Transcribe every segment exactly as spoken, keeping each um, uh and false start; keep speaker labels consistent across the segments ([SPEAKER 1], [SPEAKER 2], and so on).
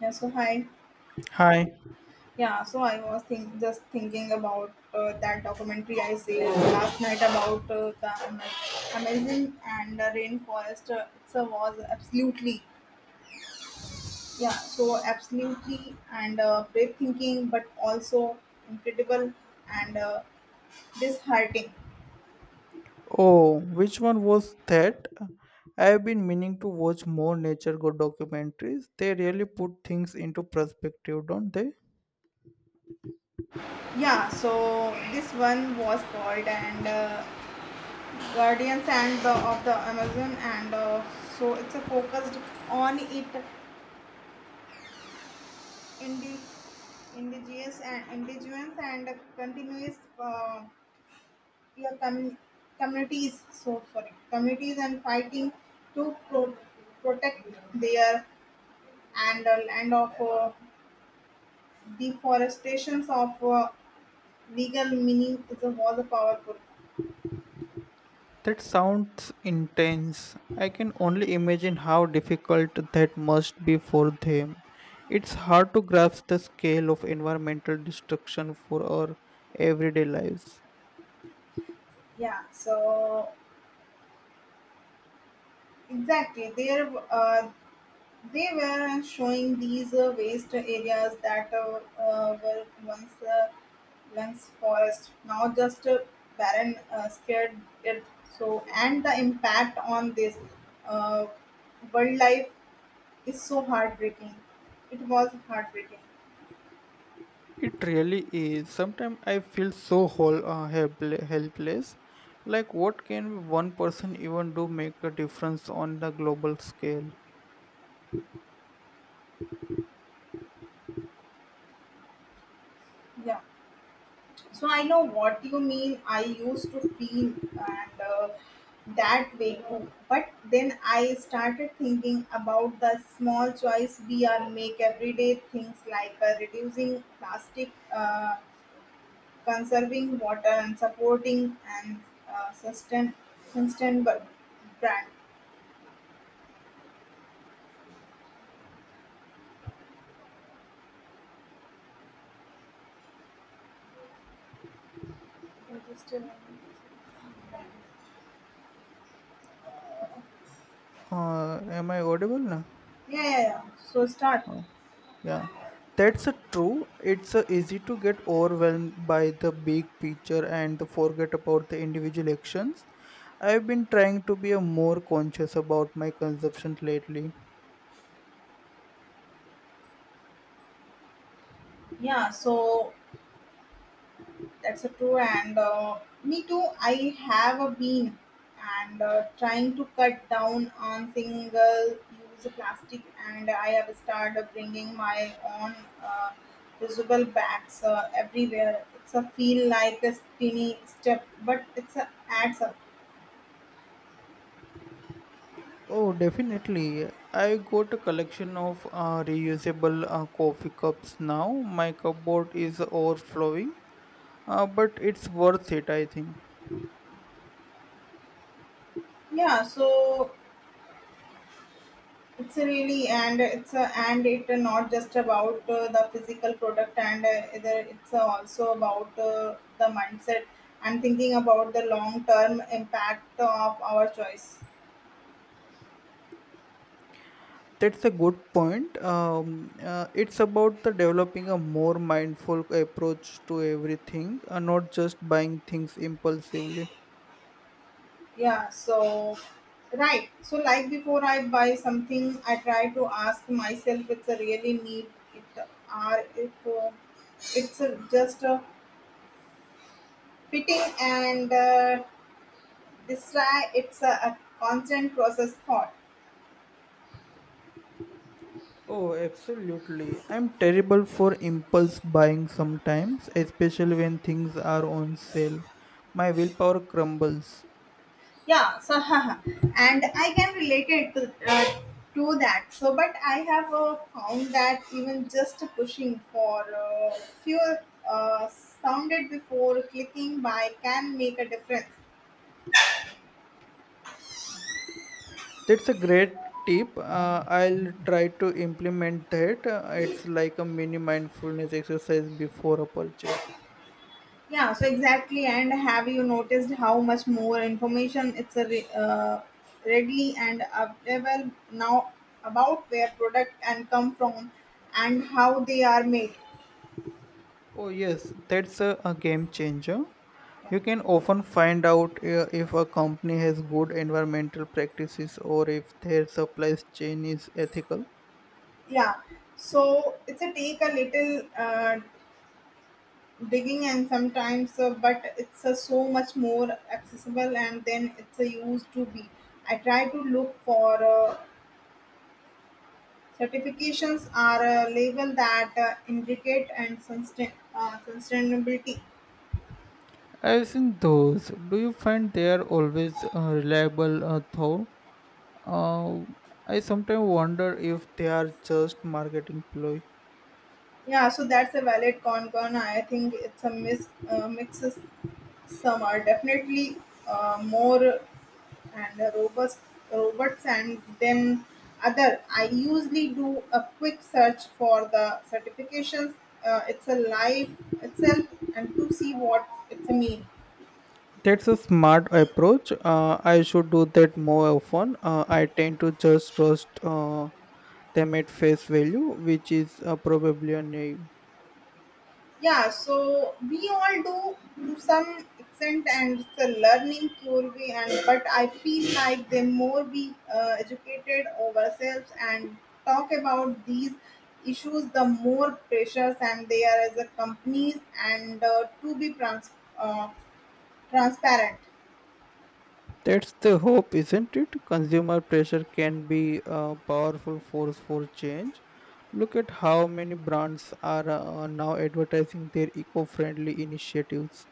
[SPEAKER 1] Yeah, so hi.
[SPEAKER 2] Hi.
[SPEAKER 1] Yeah, so I was think just thinking about uh, that documentary I saw last night about uh, the Ama- Amazon and the rainforest. Uh, it uh, was absolutely, yeah, so absolutely and uh, breathtaking, but also incredible and uh, disheartening.
[SPEAKER 2] Oh, which one was that? I've been meaning to watch more nature go documentaries. They really put things into perspective, don't they?
[SPEAKER 1] Yeah, so this one was called and uh, Guardians and the, of the Amazon, and uh, so it's a focused on it indigenous and indigenous and continuous uh, your com- communities, so sorry, communities, and fighting to pro- protect their and uh, land of uh, deforestations of uh, legal meaning, is a was a powerful.
[SPEAKER 2] That sounds intense. I can only imagine how difficult that must be for them. It's hard to grasp the scale of environmental destruction for our everyday lives.
[SPEAKER 1] Yeah, so exactly there. uh, They were showing these uh, waste areas that uh, uh, were once uh, once forest, now just uh, barren, uh, scared earth. So, and the impact on this uh, wildlife is so heartbreaking. It was heartbreaking.
[SPEAKER 2] It really is. Sometimes I feel so whole, uh, helple- helpless. Like, what can one person even do make a difference on the global scale?
[SPEAKER 1] Yeah. So I know what you mean. I used to feel and uh, that way too. But then I started thinking about the small choice we are make every day. Things like uh, reducing plastic, uh, conserving water, and supporting and uh, sustain sustainable brand. Yeah,
[SPEAKER 2] Uh, am I audible now?
[SPEAKER 1] yeah, yeah. So start.
[SPEAKER 2] Uh, yeah, that's a true. It's a easy to get overwhelmed by the big picture and to forget about the individual actions. I've been trying to be a more conscious about my consumption lately.
[SPEAKER 1] Yeah. So that's a true, and uh, me too. I have a been and uh, trying to cut down on single-use plastic, and I have started bringing my own uh, reusable bags uh, everywhere. It's a feel like a tiny step, but it's a adds up.
[SPEAKER 2] Oh, definitely. I got a collection of uh, reusable uh, coffee cups now. My cupboard is overflowing, uh, but it's worth it, I think.
[SPEAKER 1] Yeah, so it's really and it's a, and it not just about uh, the physical product and uh, either, it's also about uh, the mindset and thinking about the long term impact of our choice.
[SPEAKER 2] That's a good point. Um, uh, it's about the developing a more mindful approach to everything, uh, not just buying things impulsively.
[SPEAKER 1] Yeah. So right. So like before I buy something, I try to ask myself, it's a really need it, or if uh, it's uh, just uh, fitting and uh, this try it's a, a constant process thought.
[SPEAKER 2] Oh, absolutely. I'm terrible for impulse buying sometimes, especially when things are on sale. My willpower crumbles.
[SPEAKER 1] Yeah, so and I can relate it to, uh, to that, so but I have uh, found that even just pushing for a few uh, sounded before clicking by can make a difference.
[SPEAKER 2] That's a great tip. Uh, I'll try to implement that. Uh, it's like a mini mindfulness exercise before a purchase.
[SPEAKER 1] Yeah, so exactly, and have you noticed how much more information it's a re- uh, readily and available now about where product and come from and how they are made?
[SPEAKER 2] Oh, yes, that's a, a game changer. You can often find out uh, if a company has good environmental practices or if their supply chain is ethical.
[SPEAKER 1] Yeah, so it's a take a little uh, digging and sometimes uh, but it's uh, so much more accessible and then it's uh, used to be. I try to look for uh, certifications or uh, label that uh, indicate and sustain, uh, sustainability.
[SPEAKER 2] I've seen those. Do you find they are always uh, reliable uh, though? Uh, I sometimes wonder if they are just marketing ploy.
[SPEAKER 1] Yeah, so that's a valid concern. I think it's a mis- uh, mixes. Some are definitely uh, more and uh, robots robots and then other. I usually do a quick search for the certifications, uh, it's a life itself and to see what it's a mean.
[SPEAKER 2] That's a smart approach. Uh, I should do that more often. Uh, I tend to just trust uh, them at face value, which is uh, probably a name.
[SPEAKER 1] Yeah, so we all do to some extent, and it's a learning curve and but I feel like the more we uh, educated ourselves and talk about these issues, the more pressures and they are as a companies and uh, to be trans- uh, transparent.
[SPEAKER 2] That's the hope, isn't it? Consumer pressure can be a powerful force for change. Look at how many brands are uh, now advertising their eco friendly initiatives.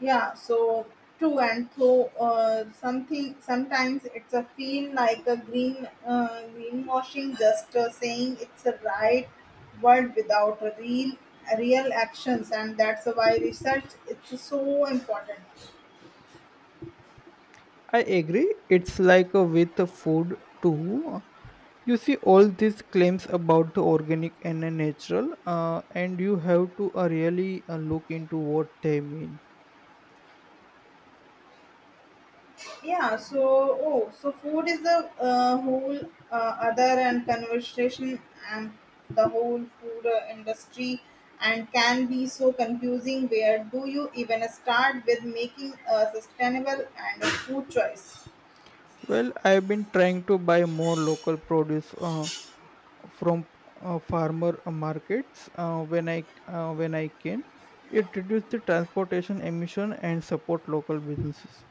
[SPEAKER 1] Yeah, so true, and so uh, something sometimes it's a feel like a green uh, greenwashing, just uh, saying it's a right word without real real actions, and that's why research it's so important.
[SPEAKER 2] I agree. It's like uh, with the food too. You see all these claims about the organic and the natural, uh, and you have to uh, really uh, look into what they mean.
[SPEAKER 1] Yeah, so oh, so food is the uh, whole uh, other and conversation and the whole food uh, industry and can be so confusing. Where do you even start with making a sustainable and a food choice?
[SPEAKER 2] Well, I've been trying to buy more local produce uh, from uh, farmer uh, markets uh, when I uh, when I can. It reduces the transportation emission and support local businesses.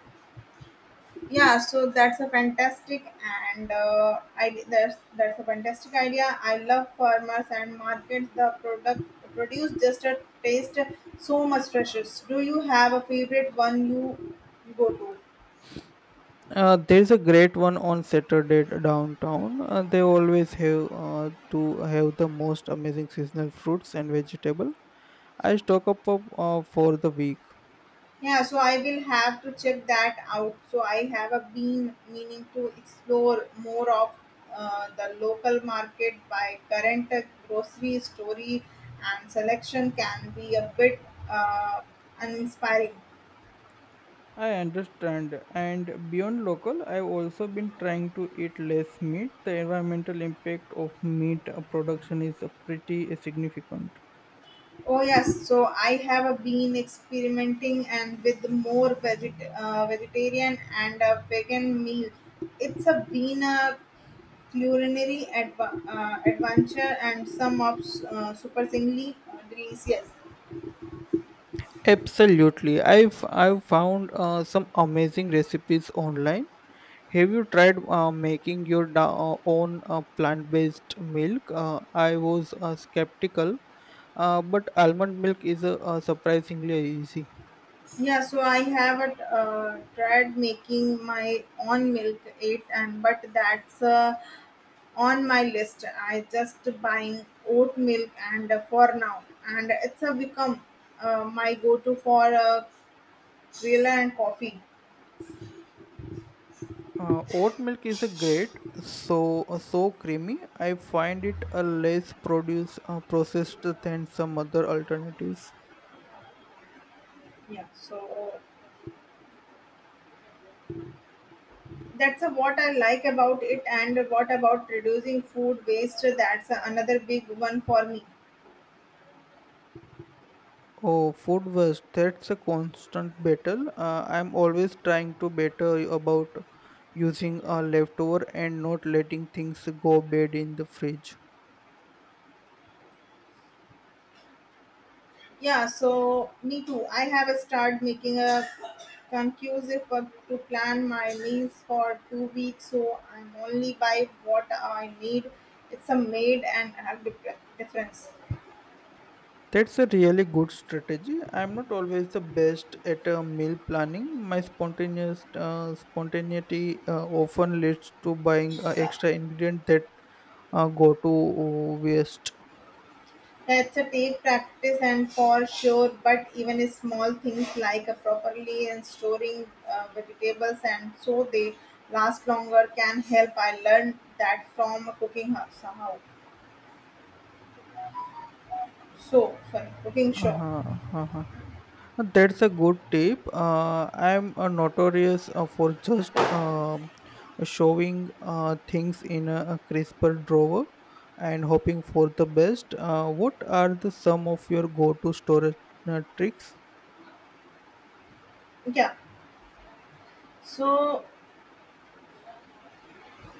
[SPEAKER 1] Yeah, so that's a fantastic and uh, I that's that's a fantastic idea. I love farmers and markets. The product produce just a taste so much fresher. Do you have a favorite one you go to?
[SPEAKER 2] Uh, there's a great one on Saturday downtown. Uh, they always have uh, to have the most amazing seasonal fruits and vegetable. I stock up of, uh, for the week.
[SPEAKER 1] Yeah, so I will have to check that out. So I have a been meaning to explore more of uh, the local market, by current grocery story and selection can be a bit uh, uninspiring.
[SPEAKER 2] I understand. And beyond local, I've also been trying to eat less meat. The environmental impact of meat uh, production is uh, pretty significant.
[SPEAKER 1] Oh yes, so I have a been experimenting and with more veget- uh, vegetarian and uh, vegan meal. It's a been a culinary adva- uh, adventure, and some of uh, surprisingly uh, delicious.
[SPEAKER 2] Absolutely. I've I've found uh, some amazing recipes online. Have you tried uh, making your da- uh, own uh, plant-based milk? Uh, I was uh, skeptical, uh, but almond milk is uh, uh, surprisingly easy.
[SPEAKER 1] Yeah, so I have uh, tried making my own milk it, and but that's uh, on my list. I just buying oat milk and uh, for now, and it's a become uh, my go-to for uh, grilla and coffee.
[SPEAKER 2] Uh, oat milk is a great, so uh, so creamy. I find it a less produce uh, processed than some other alternatives.
[SPEAKER 1] Yeah, so that's a, what I like about it, and what about reducing food waste? That's another big one for me.
[SPEAKER 2] Oh, food was that's a constant battle. Uh, I'm always trying to better about using a leftover and not letting things go bad in the fridge.
[SPEAKER 1] Yeah, so me too. I have started making a conclusive work to plan my meals for two weeks, so I'm only buy what I need. It's a made and a dif- difference.
[SPEAKER 2] That's a really good strategy. I'm not always the best at uh, meal planning. My spontaneous uh, spontaneity uh, often leads to buying uh, extra ingredient that uh, go to uh, waste.
[SPEAKER 1] That's a take practice and for sure, but even a small things like a properly and storing uh, vegetables and so they last longer can help. I learned that from a cooking house somehow. So sorry, cooking show.
[SPEAKER 2] Uh-huh, uh-huh. Uh, That's a good tip. Uh, I'm uh, notorious uh, for just um showing uh, things in a, a crisper drawer and hoping for the best. Uh, what are the some of your go-to storage uh, tricks?
[SPEAKER 1] Yeah. So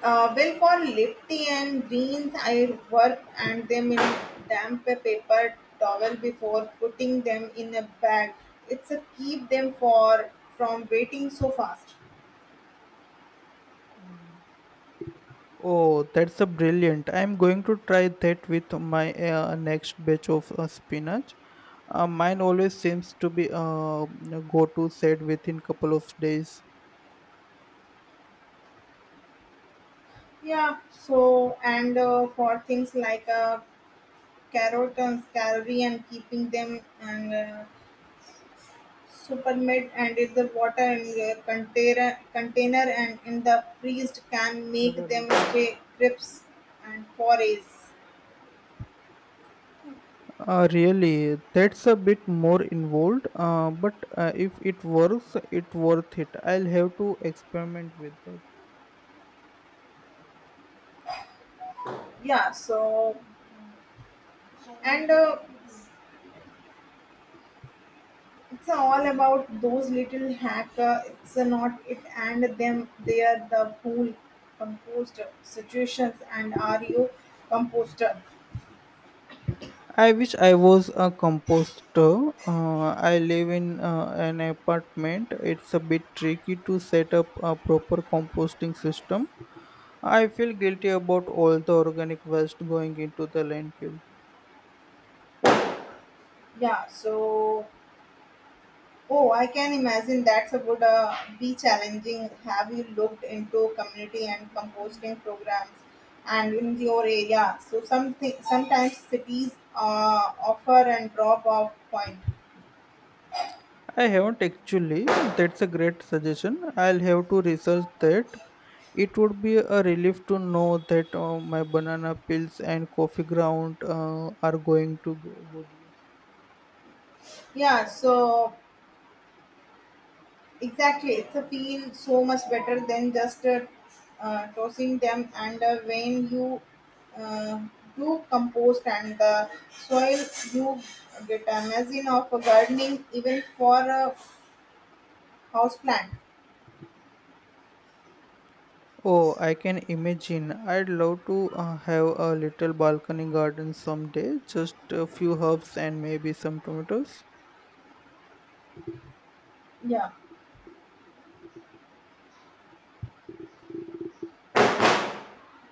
[SPEAKER 1] Uh, well, for lefty and greens, I work and them in damp paper towel before putting them in a bag. It's a keep them for from waiting so fast.
[SPEAKER 2] Oh, that's a brilliant. I'm going to try that with my uh, next batch of uh, spinach. Uh, mine always seems to be uh, go-to set within couple of days.
[SPEAKER 1] Yeah. So and uh, for things like uh, carrot and calorie and keeping them and uh, supermed and in the water and uh, container container and in the freezed can make them stay crisp and forays.
[SPEAKER 2] Uh, really, that's a bit more involved. Uh, but uh, if it works, it worth it. I'll have to experiment with that.
[SPEAKER 1] Yeah, so and uh, it's all about those little hack, uh, it's uh, not it and them, they are the whole composter situations, and are you composter?
[SPEAKER 2] I wish I was a composter. Uh, I live in uh, an apartment. It's a bit tricky to set up a proper composting system. I feel guilty about all the organic waste going into the landfill.
[SPEAKER 1] Yeah, so oh, I can imagine that's a good uh, be challenging. Have you looked into community and composting programs and in your area? So something sometimes cities uh, offer and drop off point.
[SPEAKER 2] I haven't actually. That's a great suggestion. I'll have to research that. It would be a relief to know that uh, my banana peels and coffee ground uh, are going to go good use.
[SPEAKER 1] Yeah, so exactly, it's a feel so much better than just uh, uh, tossing them. And uh, when you uh, do compost and the soil, you get a amazing of a gardening, even for a house plant.
[SPEAKER 2] Oh, I can imagine. I'd love to uh, have a little balcony garden someday. Just a few herbs and maybe some tomatoes.
[SPEAKER 1] Yeah,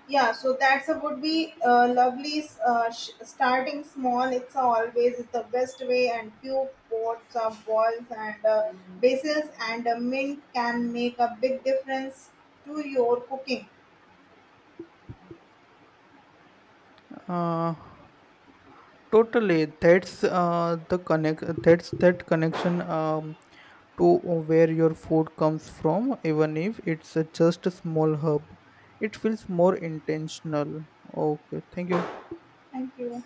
[SPEAKER 1] yeah. So that's a would be uh, lovely. Uh, sh- starting small, it's always is the best way. And few pots of balls and uh, basils and uh, mint can make a big difference to your cooking.
[SPEAKER 2] Uh, Totally, that's uh, the connect. That's that connection um, to where your food comes from, even if it's a just a small hub. It feels more intentional. Okay, thank you.
[SPEAKER 1] Thank you.